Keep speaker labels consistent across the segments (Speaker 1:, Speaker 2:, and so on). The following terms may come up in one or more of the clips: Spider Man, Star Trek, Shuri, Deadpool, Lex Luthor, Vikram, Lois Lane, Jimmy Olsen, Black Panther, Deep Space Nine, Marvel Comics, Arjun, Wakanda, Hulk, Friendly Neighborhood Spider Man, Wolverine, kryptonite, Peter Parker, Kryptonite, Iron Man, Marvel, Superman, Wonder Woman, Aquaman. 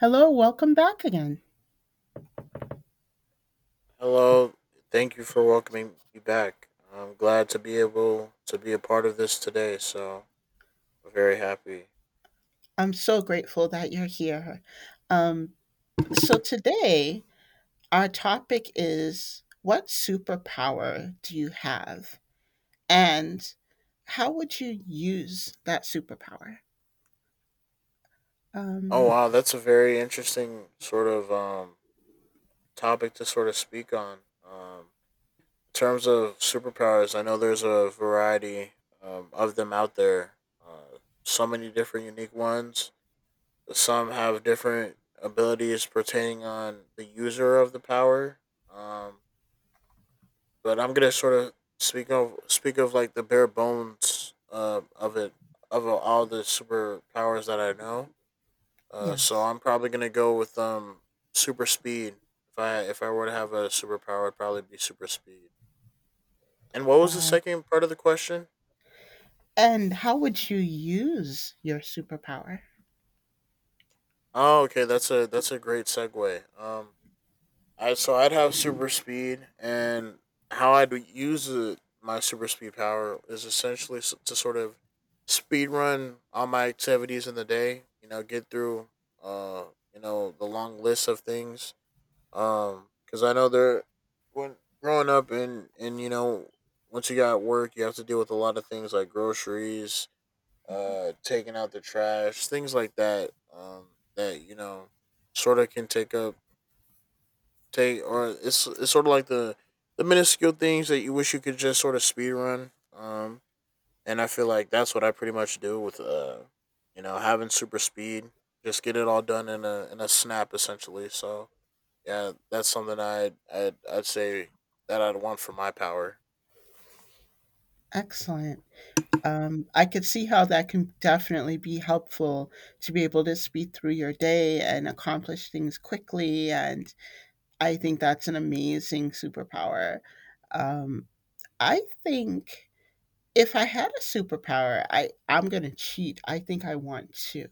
Speaker 1: Hello, welcome back again.
Speaker 2: Hello, thank you for welcoming me back. I'm glad to be able to be a part of this today, so I'm very happy.
Speaker 1: I'm so grateful that you're here. Um, so today, our topic is what superpower do you have? And how would you use that superpower?
Speaker 2: Oh
Speaker 1: Um,
Speaker 2: wow, that's a very interesting sort of topic to sort of speak on. Um in terms of superpowers, I know there's a variety of them out there. Uh, so many different unique ones. Some have different abilities pertaining on the user of the power. Um but I'm gonna sort of speak of like the bare bones of it of all the superpowers that I know. So
Speaker 1: yes.
Speaker 2: I'm probably gonna go with super speed. If I were to have a superpower, it'd probably be super speed. And what was the
Speaker 1: Wow.
Speaker 2: second part of the question?
Speaker 1: And how would you use your superpower?
Speaker 2: Oh, okay, that's a great segue. I so I'd have super speed, and how I'd use it, my super speed power is essentially to sort of speed run all my activities in the day. You know, get through uh you know the long list of things. Because I know there when growing up and you know once you got work, you have to deal with a lot of things like groceries, taking out the trash, things like that. That you know sort of can take on it's sort of like the minuscule things that you wish you could just sort of speed run. And I feel like that's what I pretty much do with you know, having super speed, just get it all done in a snap essentially. So yeah, that's something I I'd say that I'd want for my power.
Speaker 1: Excellent. I could see how that can definitely be helpful to be able to speed through your day and accomplish things quickly, and I think that's an amazing superpower. Um, I think if I had a superpower, I'm gonna cheat. I think I want to.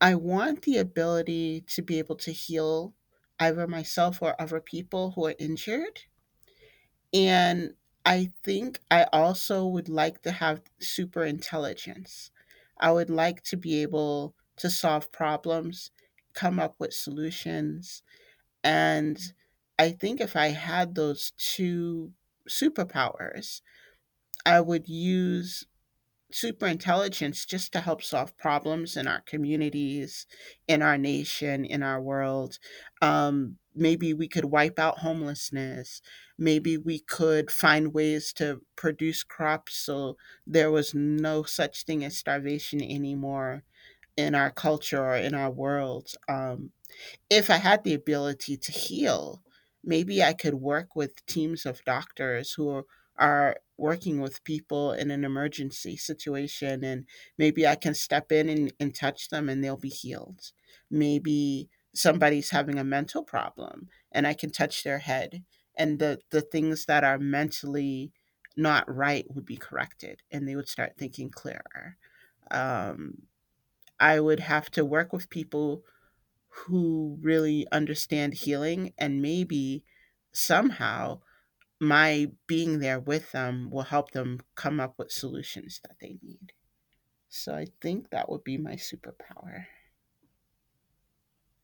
Speaker 1: I want the ability to be able to heal either myself or other people who are injured. And I think I also would like to have super intelligence. I would like to be able to solve problems, come up with solutions, and I think if I had those two superpowers, I would use super intelligence just to help solve problems in our communities, in our nation, in our world. Maybe we could wipe out homelessness. Maybe we could find ways to produce crops so there was no such thing as starvation anymore in our culture or in our world. If I had the ability to heal, maybe I could work with teams of doctors who are working with people in an emergency situation, and maybe I can step in and touch them and they'll be healed. Maybe somebody's having a mental problem and I can touch their head, and the things that are mentally not right would be corrected and they would start thinking clearer. Um, I would have to work with people who really understand healing, and maybe somehow my being there with them will help them come up with solutions that they need. So I think that would be my superpower.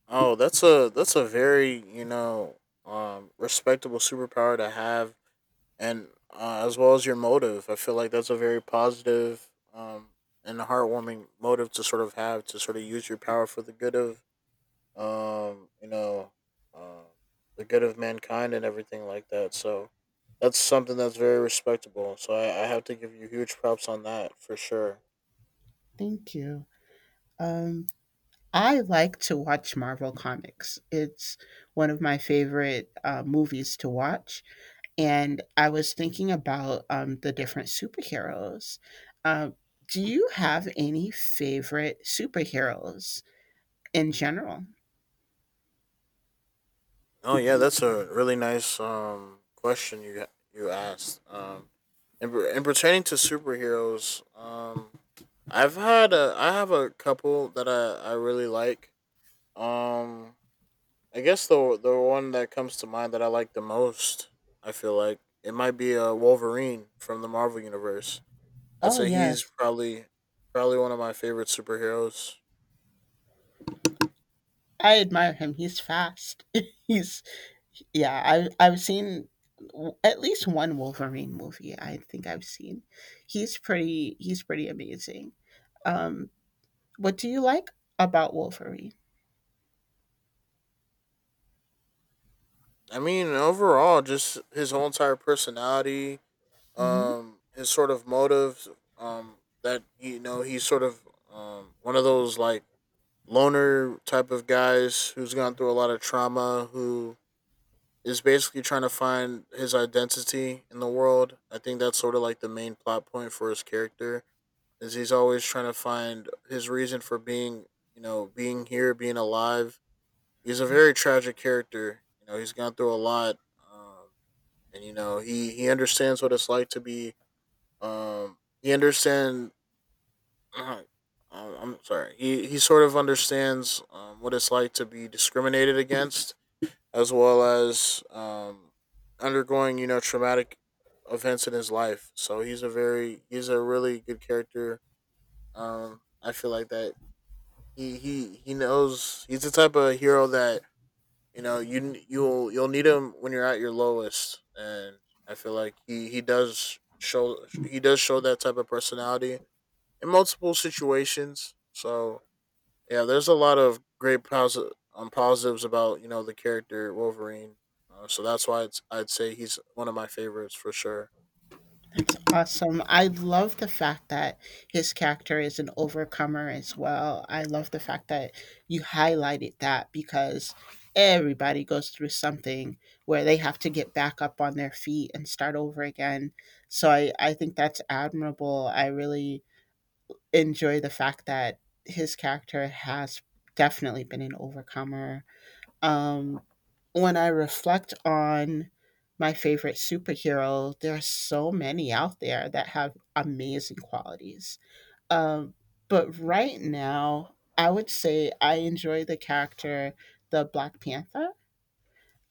Speaker 2: Oh, that's a very you know respectable superpower to have and as well as your motive. I feel like that's a very positive and heartwarming motive to sort of have to sort of use your power for the good of you know uh, the good of mankind and everything like that. So that's something that's very respectable. So I have to give you huge props on that for sure.
Speaker 1: Thank you. Um, I like to watch Marvel Comics. It's one of my favorite movies to watch. And I was thinking about the different superheroes. Uh, do you have any favorite superheroes in general?
Speaker 2: Oh yeah, that's a really nice question you asked. And pertaining to superheroes, I have a couple that I really like. Um I guess the one that comes to mind that I like the most, I feel like it might be a Wolverine from the Marvel universe. I'd
Speaker 1: Oh
Speaker 2: say he's
Speaker 1: yes,
Speaker 2: probably one of my favorite superheroes.
Speaker 1: I admire him. He's fast. He's yeah. I've seen at least one Wolverine movie. I think I've seen. He's pretty. He's pretty amazing. Um, what do you like about Wolverine?
Speaker 2: I mean, overall just his whole entire personality, his sort of motives, um that you know, he's sort of one of those like loner type of guys who's gone through a lot of trauma who is basically trying to find his identity in the world. I think that's sort of like the main plot point for his character is he's always trying to find his reason for being, you know, being here, being alive. He's a very tragic character. You know, he's gone through a lot, um, and you know he understands what it's like to be. He understand. uh, I'm sorry. He sort of understands what it's like to be discriminated against as well as undergoing you know traumatic events in his life. So he's a really good character. I feel like that he knows he's the type of hero that you know you'll need him when you're at your lowest, and I feel like he does show that type of personality in multiple situations. So yeah, there's a lot of great positives about you know the character Wolverine, so that's I'd say he's one of my favorites for sure.
Speaker 1: That's awesome. I love the fact that his character is an overcomer as well. I love the fact that you highlighted that, because everybody goes through something where they have to get back up on their feet and start over again. So I think that's admirable. I really enjoy the fact that his character has definitely been an overcomer. um, when I reflect on my favorite superhero, there are so many out there that have amazing qualities. Um, but right now, I would say I enjoy the character, the Black Panther,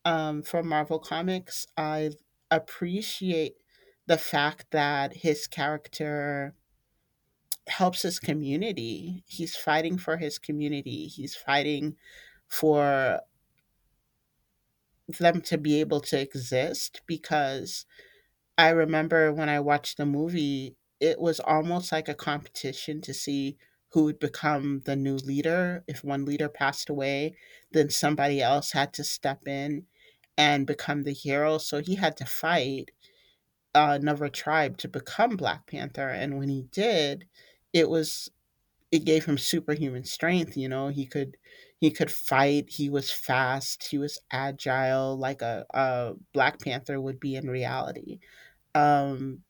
Speaker 1: from Marvel Comics. I appreciate the fact that his character helps his community. He's fighting for his community, he's fighting for them to be able to exist, because I remember when I watched the movie, it was almost like a competition to see who would become the new leader. If one leader passed away, then somebody else had to step in and become the hero. So he had to fight another tribe to become Black Panther. And when he did, it was it gave him superhuman strength. You know, he could fight, he was fast, he was agile like a black panther would be in reality. um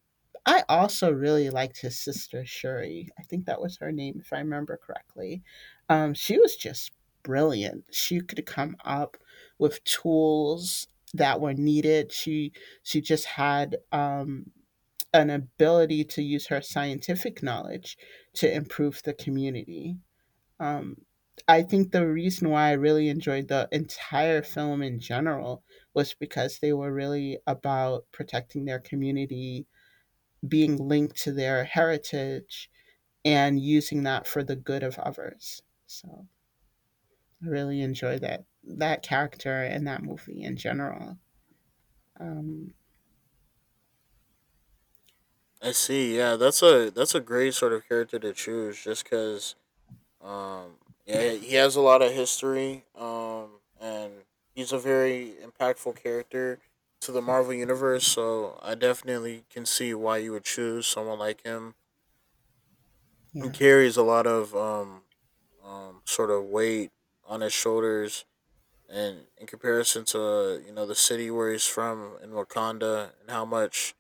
Speaker 1: I also really liked his sister Shuri. I think that was her name, if I remember correctly. She was just brilliant. She could come up with tools that were needed. She just had an ability to use her scientific knowledge to improve the community. um, I think the reason why I really enjoyed the entire film in general was because they were really about protecting their community, being linked to their heritage, and using that for the good of others. So I really enjoyed that character and that movie in general. Um,
Speaker 2: I see. Yeah, that's a great sort of character to choose, just because um yeah he has a lot of history and he's a very impactful character to the Marvel universe. So I definitely can see why you would choose someone like him who
Speaker 1: yeah,
Speaker 2: carries a lot of sort of weight on his shoulders and in comparison to you know the city where he's from in Wakanda and how much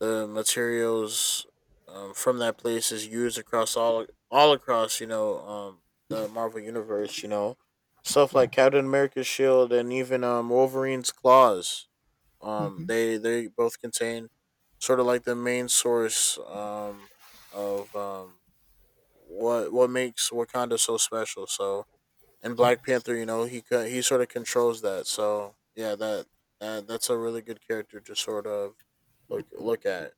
Speaker 2: the materials from that place is used across all across you know the Marvel universe you know stuff
Speaker 1: yeah,
Speaker 2: like Captain America's shield and even Wolverine's claws
Speaker 1: hmm,
Speaker 2: they both contain sort of like the main source of what makes Wakanda so special so and
Speaker 1: yeah.
Speaker 2: Black Panther, you know, he sort of controls that. So yeah, that's a really good character to sort of look at.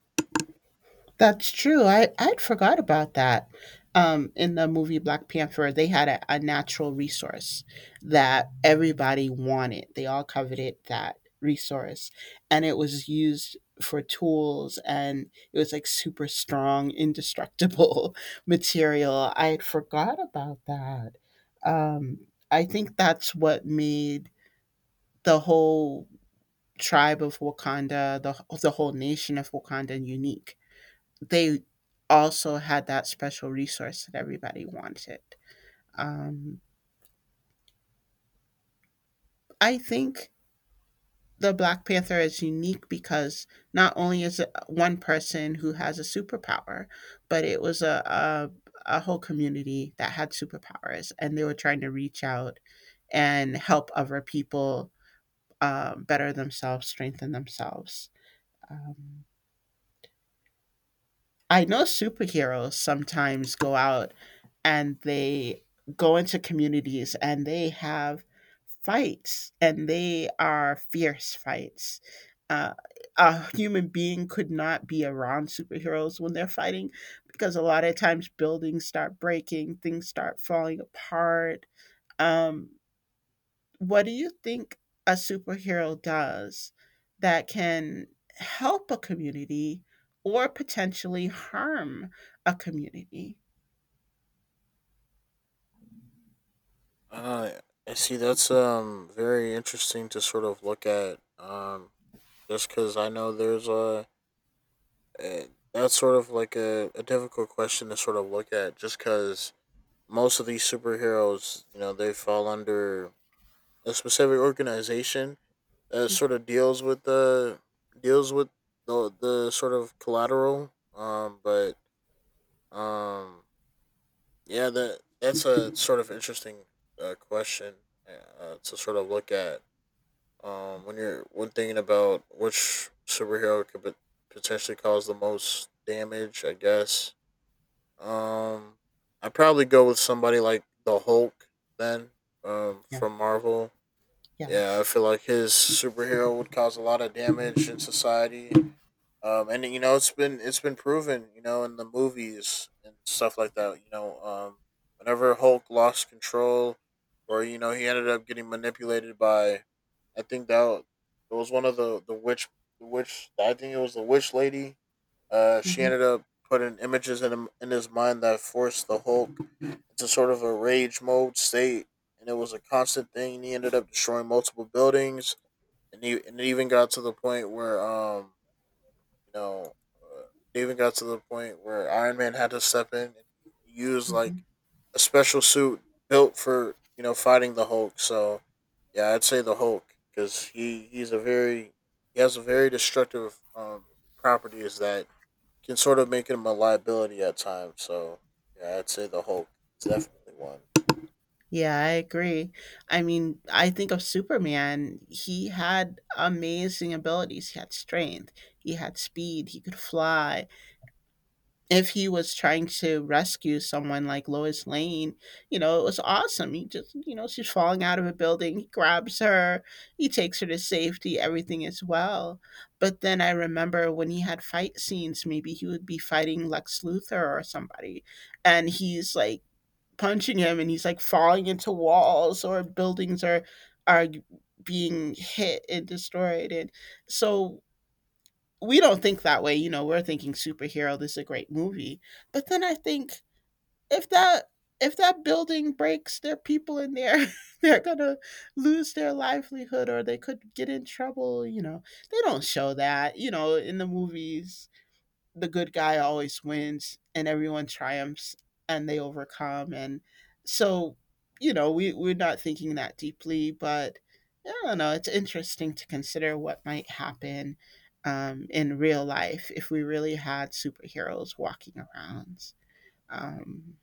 Speaker 1: That's true. I'd forgot about that. In the movie Black Panther, they had a natural resource that everybody wanted. They all coveted that resource, and it was used for tools, and it was like super strong, indestructible material. I had forgot about that. I think that's what made the whole tribe of Wakanda, the whole nation of Wakanda, unique. They also had that special resource that everybody wanted. Um, I think the Black Panther is unique because not only is it one person who has a superpower, but it was a, a whole community that had superpowers, and they were trying to reach out and help other people better themselves, strengthen themselves. Um, I know superheroes sometimes go out and they go into communities and they have fights, and they are fierce fights. Uh, a human being could not be around superheroes when they're fighting, because a lot of times buildings start breaking, things start falling apart. Um, what do you think a superhero does that can help a community or potentially harm a community?
Speaker 2: Uh, I see. That's very interesting to sort of look at. Just because I know a that's sort of like a difficult question to sort of look at. Just because most of these superheroes, you know, they fall under a specific organization that
Speaker 1: Mm,
Speaker 2: sort of deals with the deals with the sort of collateral. But um, yeah, that that's a sort of interesting question to sort of look at when you're when thinking about which superhero could potentially cause the most damage. I guess um, I'd probably go with somebody like the Hulk then
Speaker 1: yeah,
Speaker 2: from Marvel. Yeah, I
Speaker 1: yes.
Speaker 2: feel like his superhero would cause a lot of damage in society. And you know it's been proven, you know, in the movies and stuff like that. You know, whenever Hulk lost control, or you know he ended up getting manipulated by. I think it was one of the witch, I think it was the witch lady. She
Speaker 1: Hmm.
Speaker 2: ended up putting images in his mind that forced the Hulk into sort of a rage mode state, and it was a constant thing. He ended up destroying multiple buildings, and he and it even got to the point where you know, uh, it even got to the point where Iron Man had to step in and use like
Speaker 1: Hmm.
Speaker 2: a special suit built for you know fighting the Hulk. So yeah, I'd say the Hulk because he's a very he has a very destructive properties that can sort of make him a liability at times. So yeah, I'd say the Hulk is definitely one.
Speaker 1: Yeah, I agree. I mean, I think of Superman. He had amazing abilities. He had strength, he had speed, he could fly. If he was trying to rescue someone like Lois Lane, you know, it was awesome. He just, you know, she's falling out of a building, he grabs her, he takes her to safety, everything is well. But then I remember when he had fight scenes, maybe he would be fighting Lex Luthor or somebody, and he's like punching him, and he's like falling into walls, or buildings are being hit and destroyed. And so we don't think that way. You know, we're thinking superhero, this is a great movie. But then I think if that if that building breaks, there are people in there. They're gonna lose their livelihood, or they could get in trouble. You know, they don't show that, you know, in the movies. The good guy always wins and everyone triumphs and they overcome. And so, you know, we're not thinking that deeply. But I don't know, it's interesting to consider what might happen in real life if we really had superheroes walking around. um,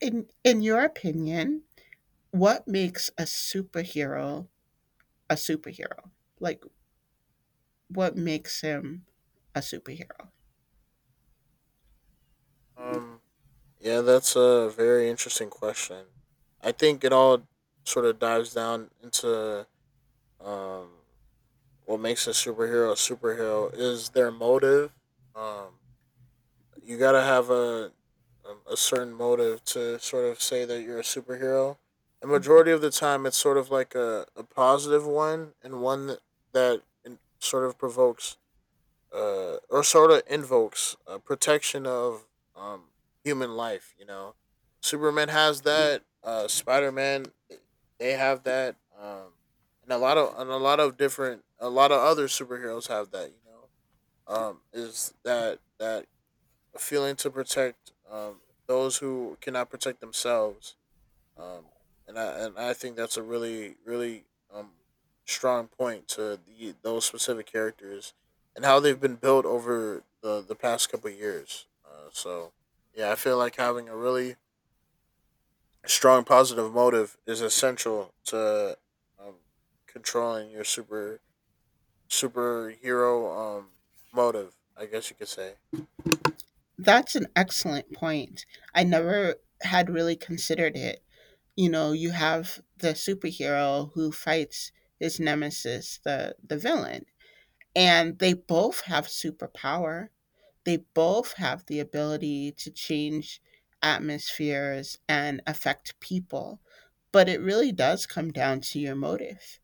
Speaker 1: in your opinion, what makes a superhero a superhero? Like, what makes him a superhero?
Speaker 2: Um, yeah, that's a very interesting question. I think it all sort of dives down into um what makes a superhero is their motive. Um, you gotta have a certain motive to sort of say that you're a superhero. And majority of the time, it's sort of like a positive one and one that sort of provokes or sort of invokes protection of um, human life. You know, Superman has that. Spider Man, they have that. And a lot of different, a lot of other superheroes have that. You know, is that feeling to protect those who cannot protect themselves um, and I think that's a really um strong point to those specific characters and how they've been built over the past couple of years. So yeah, I feel like having a really strong positive motive is essential to um, controlling your superhero motive. I guess you could say.
Speaker 1: That's an excellent point. I never had really considered it. You know, you have the superhero who fights his nemesis, the villain, and they both have superpower. They both have the ability to change atmospheres and affect people. But it really does come down to your motive.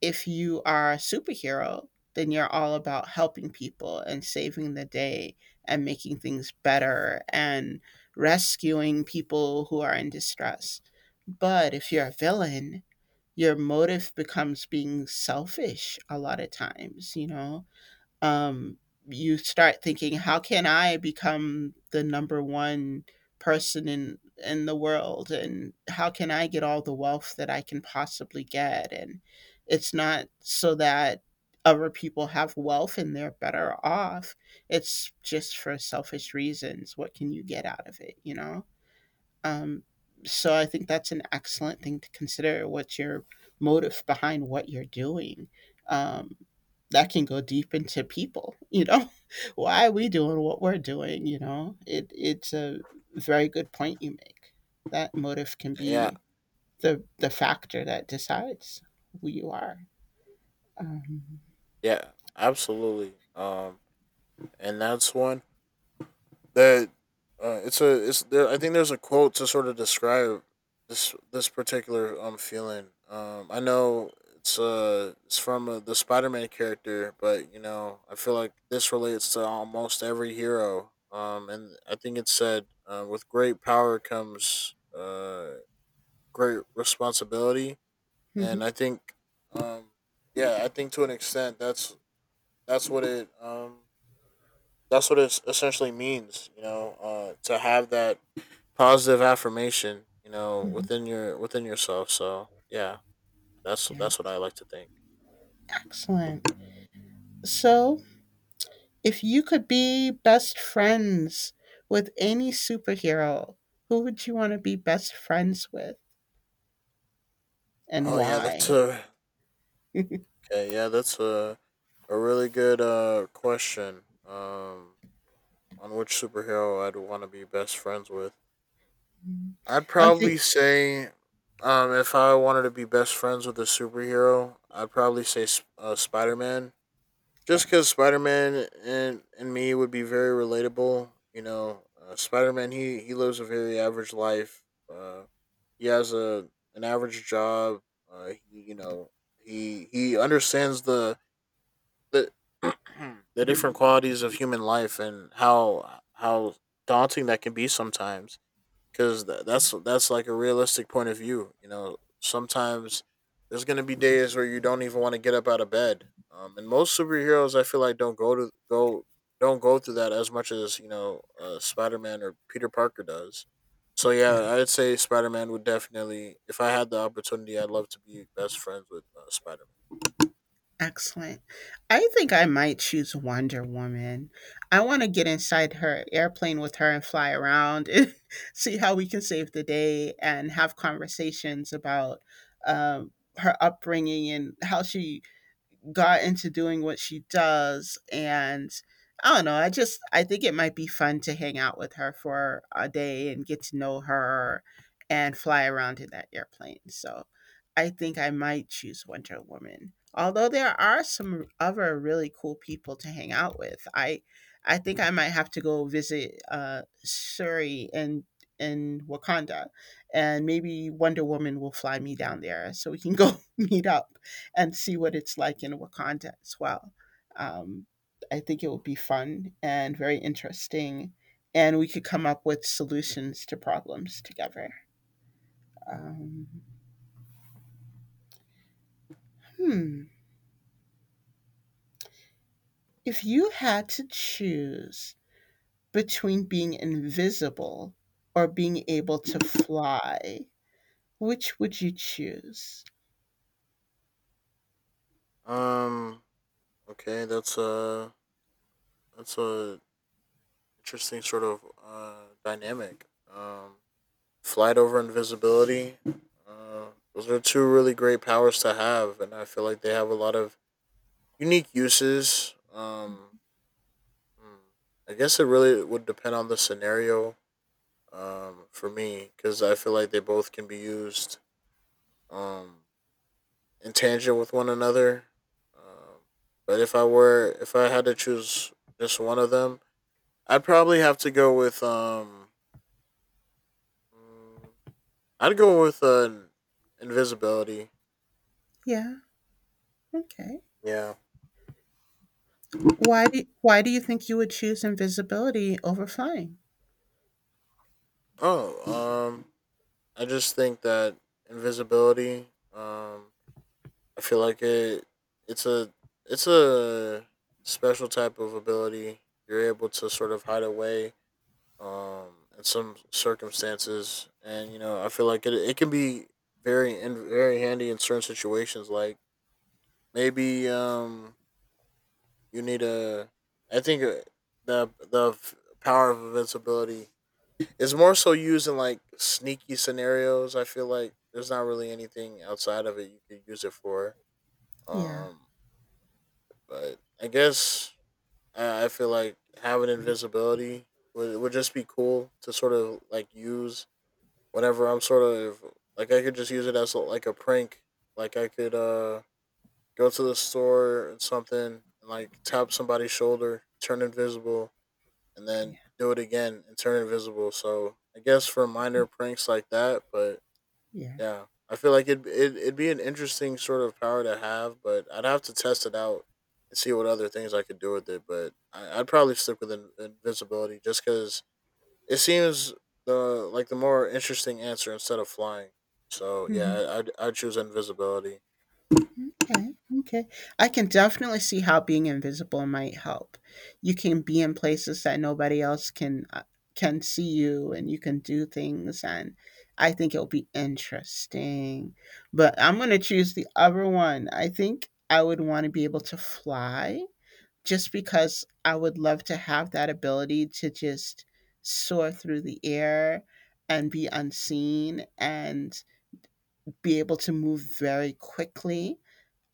Speaker 1: If you are a superhero, then you're all about helping people and saving the day and making things better and rescuing people who are in distress. But if you're a villain, your motive becomes being selfish a lot of times, you know? um, you start thinking, how can I become the number one person in the world, and how can I get all the wealth that I can possibly get? And it's not so that other people have wealth and they're better off. It's just for selfish reasons. What can you get out of it? You know. Um, so I think that's an excellent thing to consider. What's your motive behind what you're doing? Um, that can go deep into people. You know, why are we doing what we're doing? You know, it it's a very good point you make. That motive can
Speaker 2: Yeah,
Speaker 1: be the factor that decides who you are. Um,
Speaker 2: yeah, absolutely. And that's one that it's there, I think there's a quote to sort of describe this particular feeling. I know it's from the Spider Man character, but you know I feel like this relates to almost every hero. And I think it said with great power comes great responsibility, and
Speaker 1: mhm,
Speaker 2: I think um yeah I think to an extent that's what it um that's what it essentially means, you know, to have that positive affirmation, you know,
Speaker 1: mhm.
Speaker 2: within your within yourself. So yeah,
Speaker 1: Yeah,
Speaker 2: that's what I like to think.
Speaker 1: excellent. So if you could be best friends with any superhero, who would you want to be best friends with, and
Speaker 2: Oh yeah,
Speaker 1: why?
Speaker 2: that's a okay. Yeah, that's a really good question. On which superhero I'd want to be best friends with? I'd
Speaker 1: I'm thinking.
Speaker 2: probably say, if I wanted to be best friends with a superhero, I'd probably say Spider Man. Just because
Speaker 1: Yes.
Speaker 2: Spider Man and me would be very relatable. You know, Spider Man he lives a very average life. Uh, he has a an average job. He, you know he understands the the different qualities of human life and how daunting that can be sometimes because that's like a realistic point of view. You know, sometimes there's gonna be days where you don't even want to get up out of bed. And most superheroes, I feel like, don't go through that as much as Spider Man or Peter Parker does. So
Speaker 1: Yeah,
Speaker 2: yeah, I'd say Spider Man would definitely, if I had the opportunity, I'd love to be best friends with Spider
Speaker 1: excellent. I think I might choose Wonder Woman. I want to get inside her airplane with her and fly around and see how we can save the day, and have conversations about um, her upbringing and how she got into doing what she does. And I don't know, I just I think it might be fun to hang out with her for a day and get to know her and fly around in that airplane. So I think I might choose Wonder Woman. Although there are some other really cool people to hang out with. I think I might have to go visit Surrey and in Wakanda, and maybe Wonder Woman will fly me down there so we can go meet up and see what it's like in Wakanda as well. Um, I think it would be fun and very interesting, and we could come up with solutions to problems together. Um, hmm. If you had to choose between being invisible or being able to fly, which would you choose?
Speaker 2: Man. Okay, that's a interesting sort of dynamic. Um. Flight over invisibility. Uh, those are two really great powers to have, and I feel like they have a lot of unique uses. Hmm, I guess it really would depend on the scenario for me, because I feel like they both can be used um, in tangent with one another. Um, but if I had to choose just one of them, I'd probably have to go with mm, I'd go with invisibility.
Speaker 1: Yeah. Okay.
Speaker 2: Yeah.
Speaker 1: Why do why do you think you would choose invisibility over flying?
Speaker 2: Oh, I just think that invisibility. I feel like It's a it's a special type of ability. You're able to sort of hide away. In some circumstances, and you know, I feel like it. It can be very handy in certain situations. Like maybe you need a. I think the power of invincibility. It's more so used in like sneaky scenarios. I feel like there's not really anything outside of it you could use it for.
Speaker 1: Yeah.
Speaker 2: Um, but I guess I feel like having invisibility would just be cool to sort of like use whenever I'm sort of like I could just use it as like a prank. Like I could go to the store and something and like tap somebody's shoulder, turn invisible, and then
Speaker 1: Yeah.
Speaker 2: do it again and turn invisible. So I guess for minor pranks like that, but
Speaker 1: Yeah.
Speaker 2: yeah, I feel like it'd be an interesting sort of power to have, but I'd have to test it out and see what other things I could do with it. But I'd probably stick with invisibility just because it seems the like the more interesting answer instead of flying. So yeah,
Speaker 1: Mhm.
Speaker 2: I'd choose invisibility.
Speaker 1: Okay, okay. I can definitely see how being invisible might help. You can be in places that nobody else can see you, and you can do things. And I think it'll be interesting. But I'm gonna choose the other one. I think I would want to be able to fly, just because I would love to have that ability to just soar through the air and be unseen and be able to move very quickly.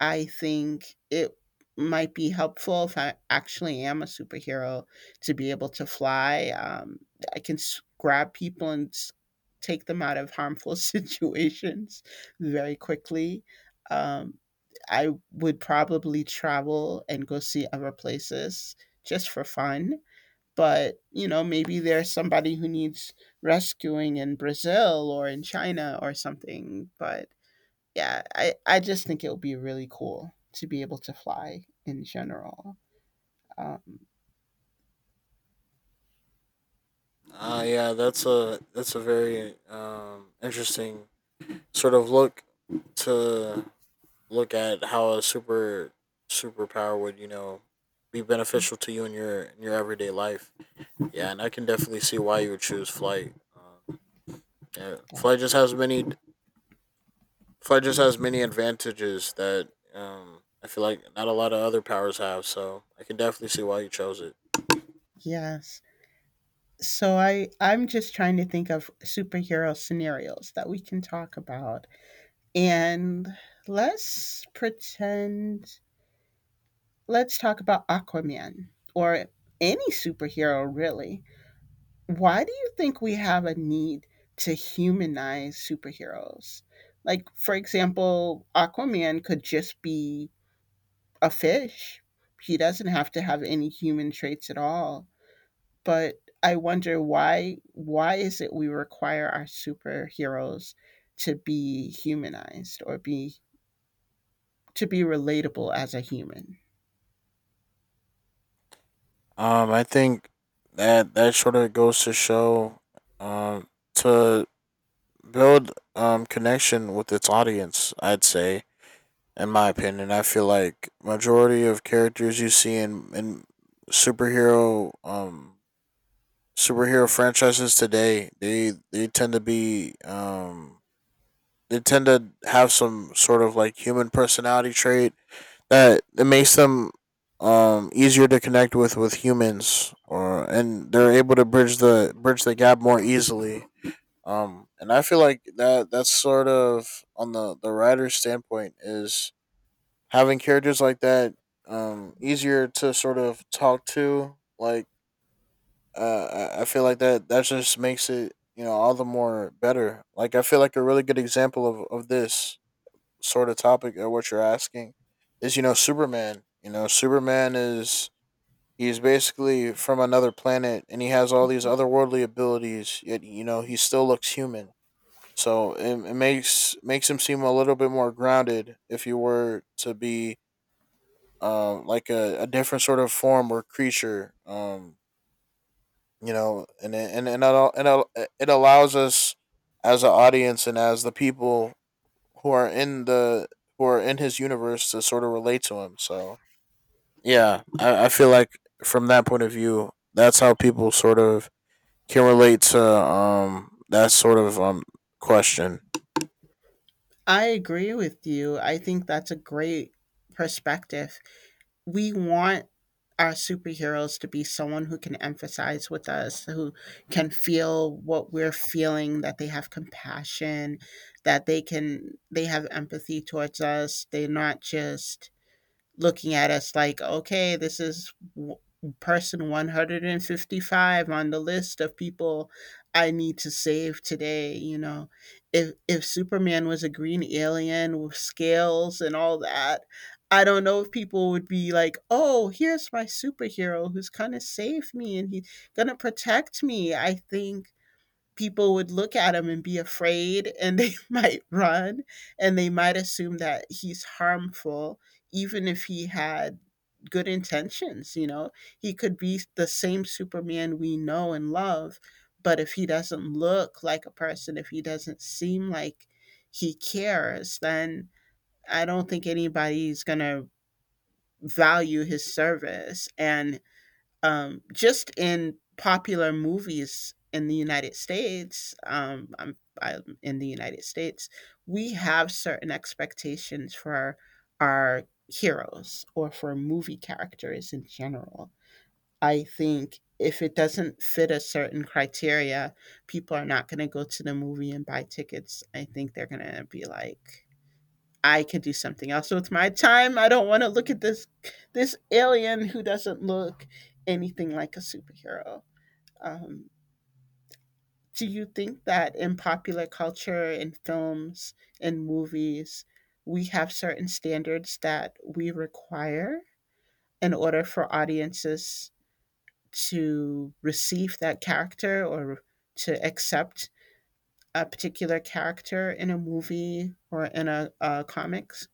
Speaker 1: I think it might be helpful if I actually am a superhero to be able to fly. I can grab people and take them out of harmful situations very quickly. Um, I would probably travel and go see other places just for fun. But, maybe there's somebody who needs rescuing in Brazil or in China or something. But yeah, I just think it would be really cool to be able to fly in general. Um,
Speaker 2: Ah, yeah, that's a very interesting sort of look to look at how a superpower would you know be beneficial to you in your everyday life. Yeah, and I can definitely see why you would choose flight. Yeah,
Speaker 1: yeah.
Speaker 2: flight just has many. Flight just has many advantages that I feel like not a lot of other powers have. So I can definitely see why you chose it.
Speaker 1: Yes. So I'm just trying to think of superhero scenarios that we can talk about, and let's pretend let's talk about Aquaman or any superhero really. Why do you think we have a need to humanize superheroes? Like for example, Aquaman could just be a fish. He doesn't have to have any human traits at all. But I wonder why is it we require our superheroes to be humanized or be to be relatable as a human.
Speaker 2: I think that that sort of goes to show, um, to build connection with its audience. I'd say, in my opinion, I feel like majority of characters you see in superhero superhero franchises today they tend to be they tend to have some sort of like human personality trait that it makes them easier to connect with humans or and they're able to bridge the gap more easily and I feel like that that's sort of on the writer's standpoint is having characters like that easier to sort of talk to like I feel like that that just makes it you know all the more better. Like I feel like a really good example of this sort of topic or what you're asking is you know Superman. You know Superman is he's basically from another planet and he has all these otherworldly abilities. Yet you know he still looks human. So it makes makes him seem a little bit more grounded if you were to be like a different sort of form or creature you know, and it al- and al- it allows us as an audience and as the people who are in the who are in his universe to sort of relate to him. So yeah, I feel like from that point of view, that's how people sort of can relate to that sort of question.
Speaker 1: I agree with you. I think that's a great perspective. We want our superheroes to be someone who can empathize with us, who can feel what we're feeling, that they have compassion, that they can they have empathy towards us. They're not just looking at us like, okay, this is person 155 on the list of people I need to save today. You know, if Superman was a green alien with scales and all that, I don't know if people would be like, "Oh, here's my superhero who's gonna save me and he's gonna protect me." I think people would look at him and be afraid and they might run and they might assume that he's harmful even if he had good intentions. You know, he could be the same Superman we know and love, but if he doesn't look like a person, if he doesn't seem like he cares, then I don't think anybody's going to value his service. And just in popular movies in the United States, I'm in the United States, we have certain expectations for our heroes or for movie characters in general. I think if it doesn't fit a certain criteria, people are not going to go to the movie and buy tickets. I think they're going to be like, I could do something else with my time. I don't want to look at this alien who doesn't look anything like a superhero. Um, do you think that in popular culture, in films, in movies, we have certain standards that we require in order for audiences to receive that character or to accept a particular character in a movie or in a comics?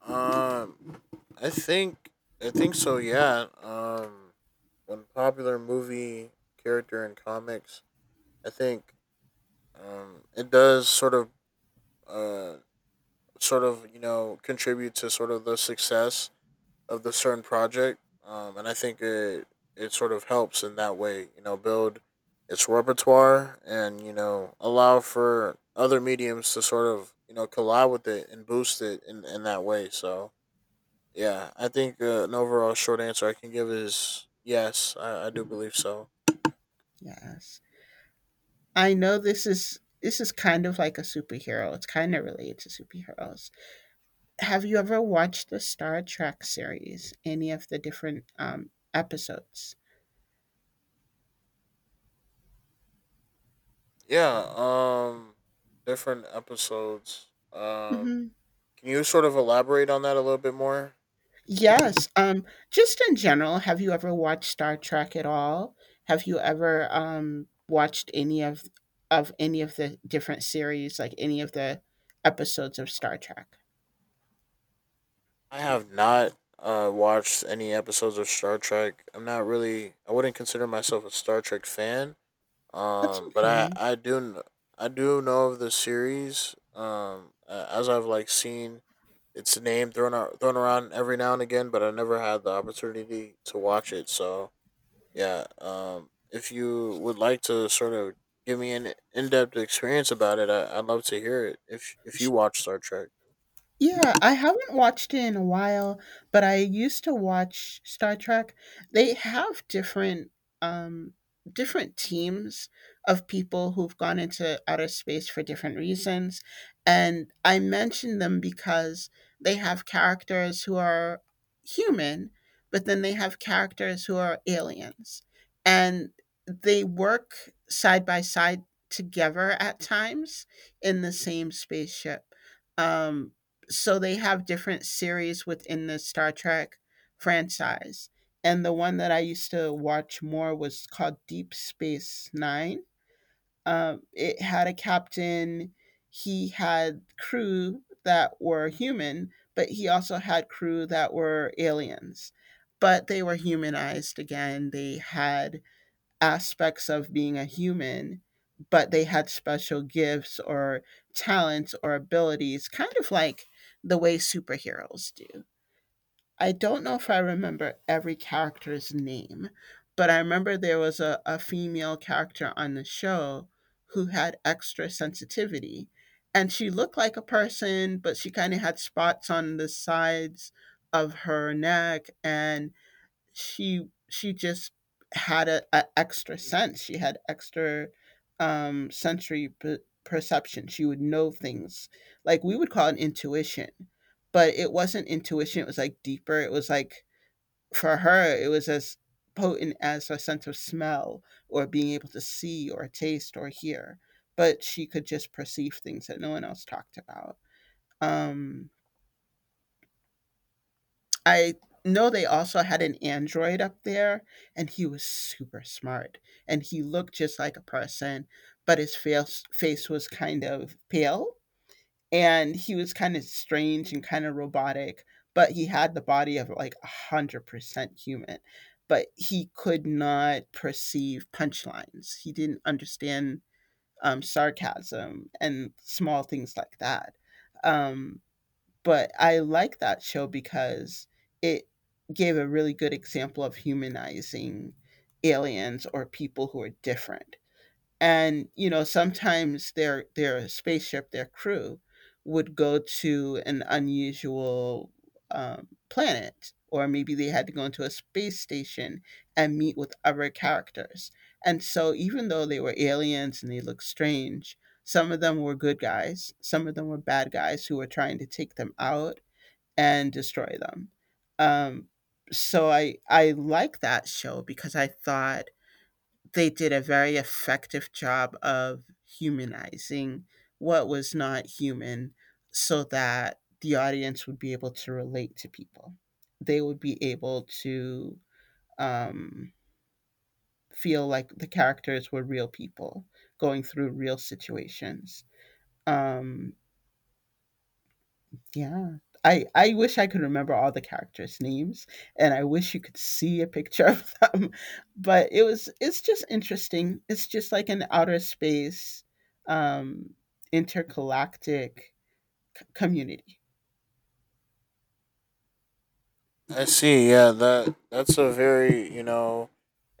Speaker 2: Um, I think I think so. Yeah. One popular movie character in comics. I think it does uh, sort of, you know, contribute to sort of the success of the certain project. And I think it sort of helps in that way. You know, build its repertoire and you know allow for other mediums to sort of you know collide with it and boost it in that way. So yeah, I think an overall short answer I can give is yes. I do believe so.
Speaker 1: Yes. I know this is kind of like a superhero. It's kind of related to superheroes. Have you ever watched the Star Trek series? Any of the different episodes?
Speaker 2: Yeah. Different episodes.
Speaker 1: Hmm.
Speaker 2: Can you sort of elaborate on that a little bit more?
Speaker 1: Yes. Just in general, have you ever watched Star Trek at all? Have you ever watched any of any of the different series, like any of the episodes of Star Trek?
Speaker 2: I have not watched any episodes of Star Trek. I'm not really. I wouldn't consider myself a Star Trek fan.
Speaker 1: That's
Speaker 2: But
Speaker 1: okay.
Speaker 2: I do kn- I do know of the series. As I've like seen its name thrown out, thrown around every now and again, but I never had the opportunity to watch it. So yeah. If you would like to sort of give me an in depth experience about it, I'd love to hear it. If you watch Star Trek.
Speaker 1: Yeah, I haven't watched it in a while, but I used to watch Star Trek. They have different um different teams of people who've gone into outer space for different reasons. And I mention them because they have characters who are human, but then they have characters who are aliens. And they work side by side together at times in the same spaceship. Um so they have different series within the Star Trek franchise. And the one that I used to watch more was called Deep Space Nine. It had a captain, he had crew that were human, but he also had crew that were aliens. But they were humanized again. They had aspects of being a human, but they had special gifts or talents or abilities, kind of like the way superheroes do. I don't know if I remember every character's name, but I remember there was a female character on the show who had extra sensitivity. And she looked like a person, but she kind of had spots on the sides of her neck. And she just had a extra sense. She had extra sensory perception. She would know things like we would call it intuition, but it wasn't intuition. It was like deeper. It was like for her, it was as potent as a sense of smell or being able to see or taste or hear. But she could just perceive things that no one else talked about. Um, I know they also had an android up there, and he was super smart, and he looked just like a person, but his face was kind of pale, and he was kind of strange and kind of robotic, but he had the body of like 100% human. But he could not perceive punchlines. He didn't understand sarcasm and small things like that. Um, but I like that show because it gave a really good example of humanizing aliens or people who are different. And you know, sometimes their spaceship, their crew would go to an unusual planet or maybe they had to go into a space station and meet with other characters. And so even though they were aliens and they looked strange, some of them were good guys, some of them were bad guys who were trying to take them out and destroy them. um, so I like that show because I thought they did a very effective job of humanizing what was not human so that the audience would be able to relate to people. They would be able to um, feel like the characters were real people going through real situations. Um, Yeah. I wish I could remember all the characters' names, and I wish you could see a picture of them, but it's just interesting. It's just like an outer space, um, intergalactic community.
Speaker 2: I see. Yeah, that's a very you know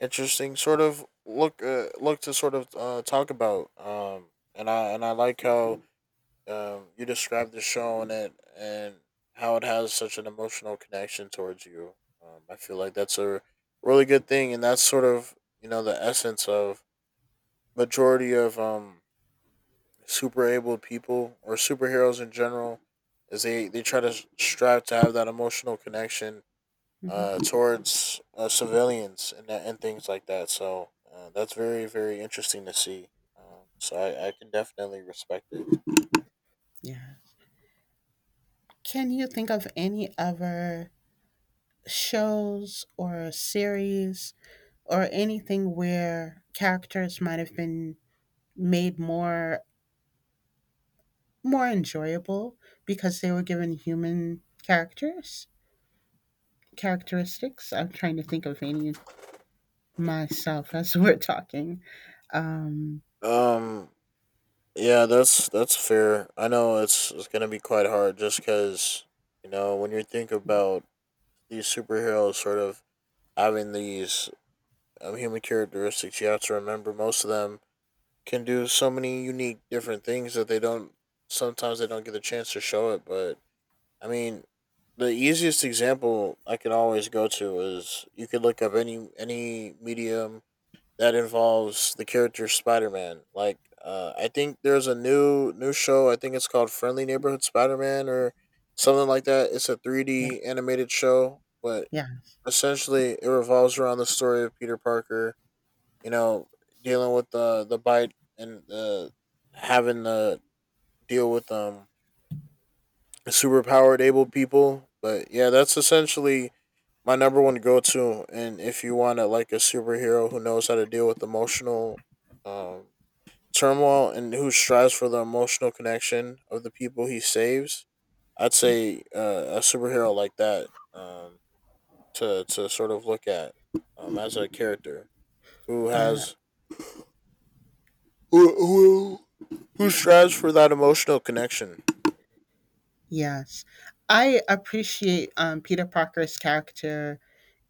Speaker 2: interesting sort of look to sort of talk about. And I like how you described the show and it and how it has such an emotional connection towards you. I feel like that's a really good thing, and that's sort of you know the essence of majority of super able people or superheroes in general is they try to strive to have that emotional connection
Speaker 1: Hmm.
Speaker 2: towards civilians and things like that. So that's very very interesting to see. So I can definitely respect it.
Speaker 1: Yeah. Can you think of any other shows or series or anything where characters might have been made more enjoyable because they were given human characters? Characteristics. I'm trying to think of any myself as we're talking. Um,
Speaker 2: Um, yeah, that's fair. I know it's gonna be quite hard just because you know when you think about these superheroes sort of having these human characteristics, you have to remember most of them can do so many unique different things that they don't sometimes they don't get the chance to show it, but I mean, the easiest example I can always go to is you could look up any medium that involves the character Spider Man. Like, I think there's a new show. I think it's called Friendly Neighborhood Spider Man or something like that. It's a
Speaker 1: yeah,
Speaker 2: 3D animated show, but
Speaker 1: yeah,
Speaker 2: essentially it revolves around the story of Peter Parker. You know, dealing with the bite and the having to deal with superpowered able people. But yeah, that's essentially my number one go to. And if you want to like a superhero who knows how to deal with emotional um, turmoil and who strives for the emotional connection of the people he saves, I'd say a superhero like that to sort of look at as a character who
Speaker 1: yeah,
Speaker 2: has who, who who strives for that emotional connection.
Speaker 1: yes. I appreciate Peter Parker's character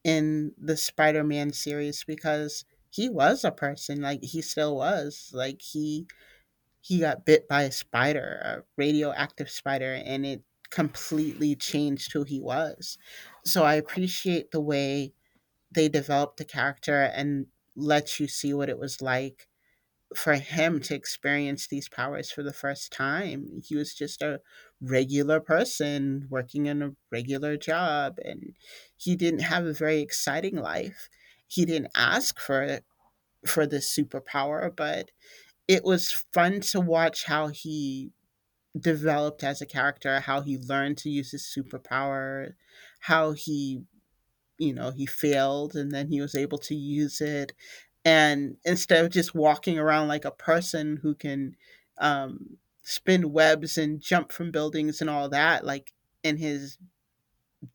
Speaker 1: in the Spider Man series because he was a person, like, he still was. Like, he. He got bit by a spider, a radioactive spider, and it completely changed who he was. So I appreciate the way they develop the character and let you see what it was like for him to experience these powers for the first time. He was just a regular person working in a regular job and he didn't have a very exciting life. He didn't ask for this superpower, but it was fun to watch how he developed as a character, how he learned to use his superpower, how he, you know, he failed and then he was able to use it. And instead of just walking around like a person who can um, spin webs and jump from buildings and all that, like in his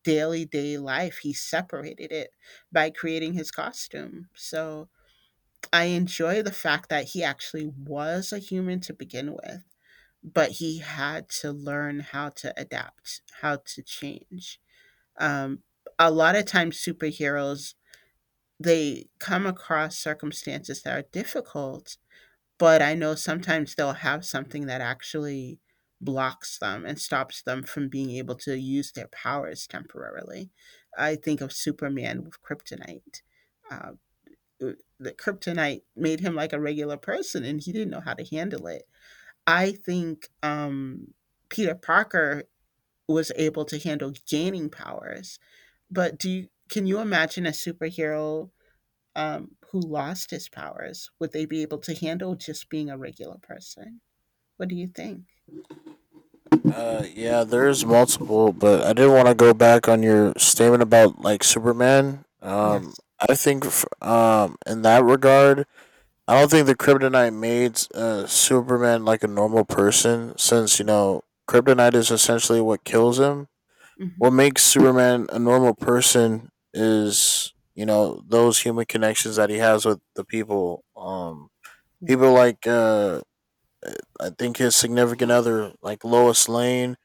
Speaker 1: daily day life he separated it by creating his costume. So I enjoy the fact that he actually was a human to begin with, but he had to learn how to adapt, how to change. um, a lot of times superheroes, they come across circumstances that are difficult, but I know sometimes they'll have something that actually blocks them and stops them from being able to use their powers temporarily. I think of Superman with kryptonite. Uh, uh, the kryptonite made him like a regular person and he didn't know how to handle it. I think Peter Parker was able to handle gaining powers, but do you, can you imagine a superhero who lost his powers, would they be able to handle just being a regular person? What do you think?
Speaker 2: Yeah, there is multiple, but I did want to go back on your statement about like Superman.
Speaker 1: Yes.
Speaker 2: I think in that regard, I don't think the Kryptonite made Superman like a normal person, since you know Kryptonite is essentially what kills him. What
Speaker 1: Hmm.
Speaker 2: makes Superman a normal person is you know those human connections that he has with the people.
Speaker 1: Yeah.
Speaker 2: People like I think his significant other, like Lois Lane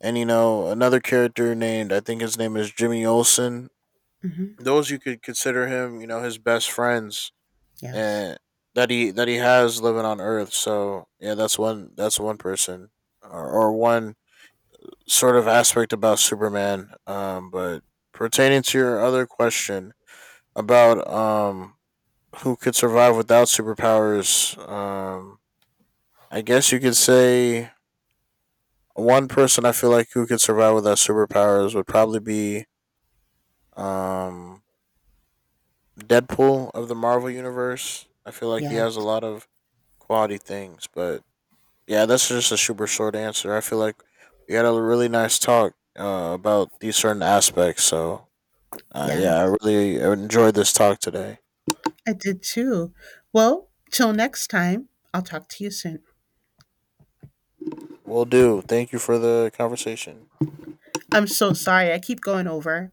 Speaker 2: and you know another character named I think his name is Jimmy Olsen.
Speaker 1: Hmm.
Speaker 2: Those you could consider him, you know, his best friends
Speaker 1: Yes.
Speaker 2: and that he has living on Earth. So yeah, that's one person or one sort of aspect about Superman. But pertaining to your other question about who could survive without superpowers, I guess you could say one person I feel like who could survive without superpowers would probably be Um, Deadpool of the Marvel Universe. I feel like he
Speaker 1: Yeah.
Speaker 2: has a lot of quality things, but yeah, that's just a super short answer. I feel like we had a really nice talk about these certain aspects. So yeah, I
Speaker 1: Yes.
Speaker 2: really enjoyed this talk today.
Speaker 1: I did too. Well, till next time, I'll talk to you soon.
Speaker 2: Will do. Thank you for the conversation.
Speaker 1: I'm so sorry. I keep going over.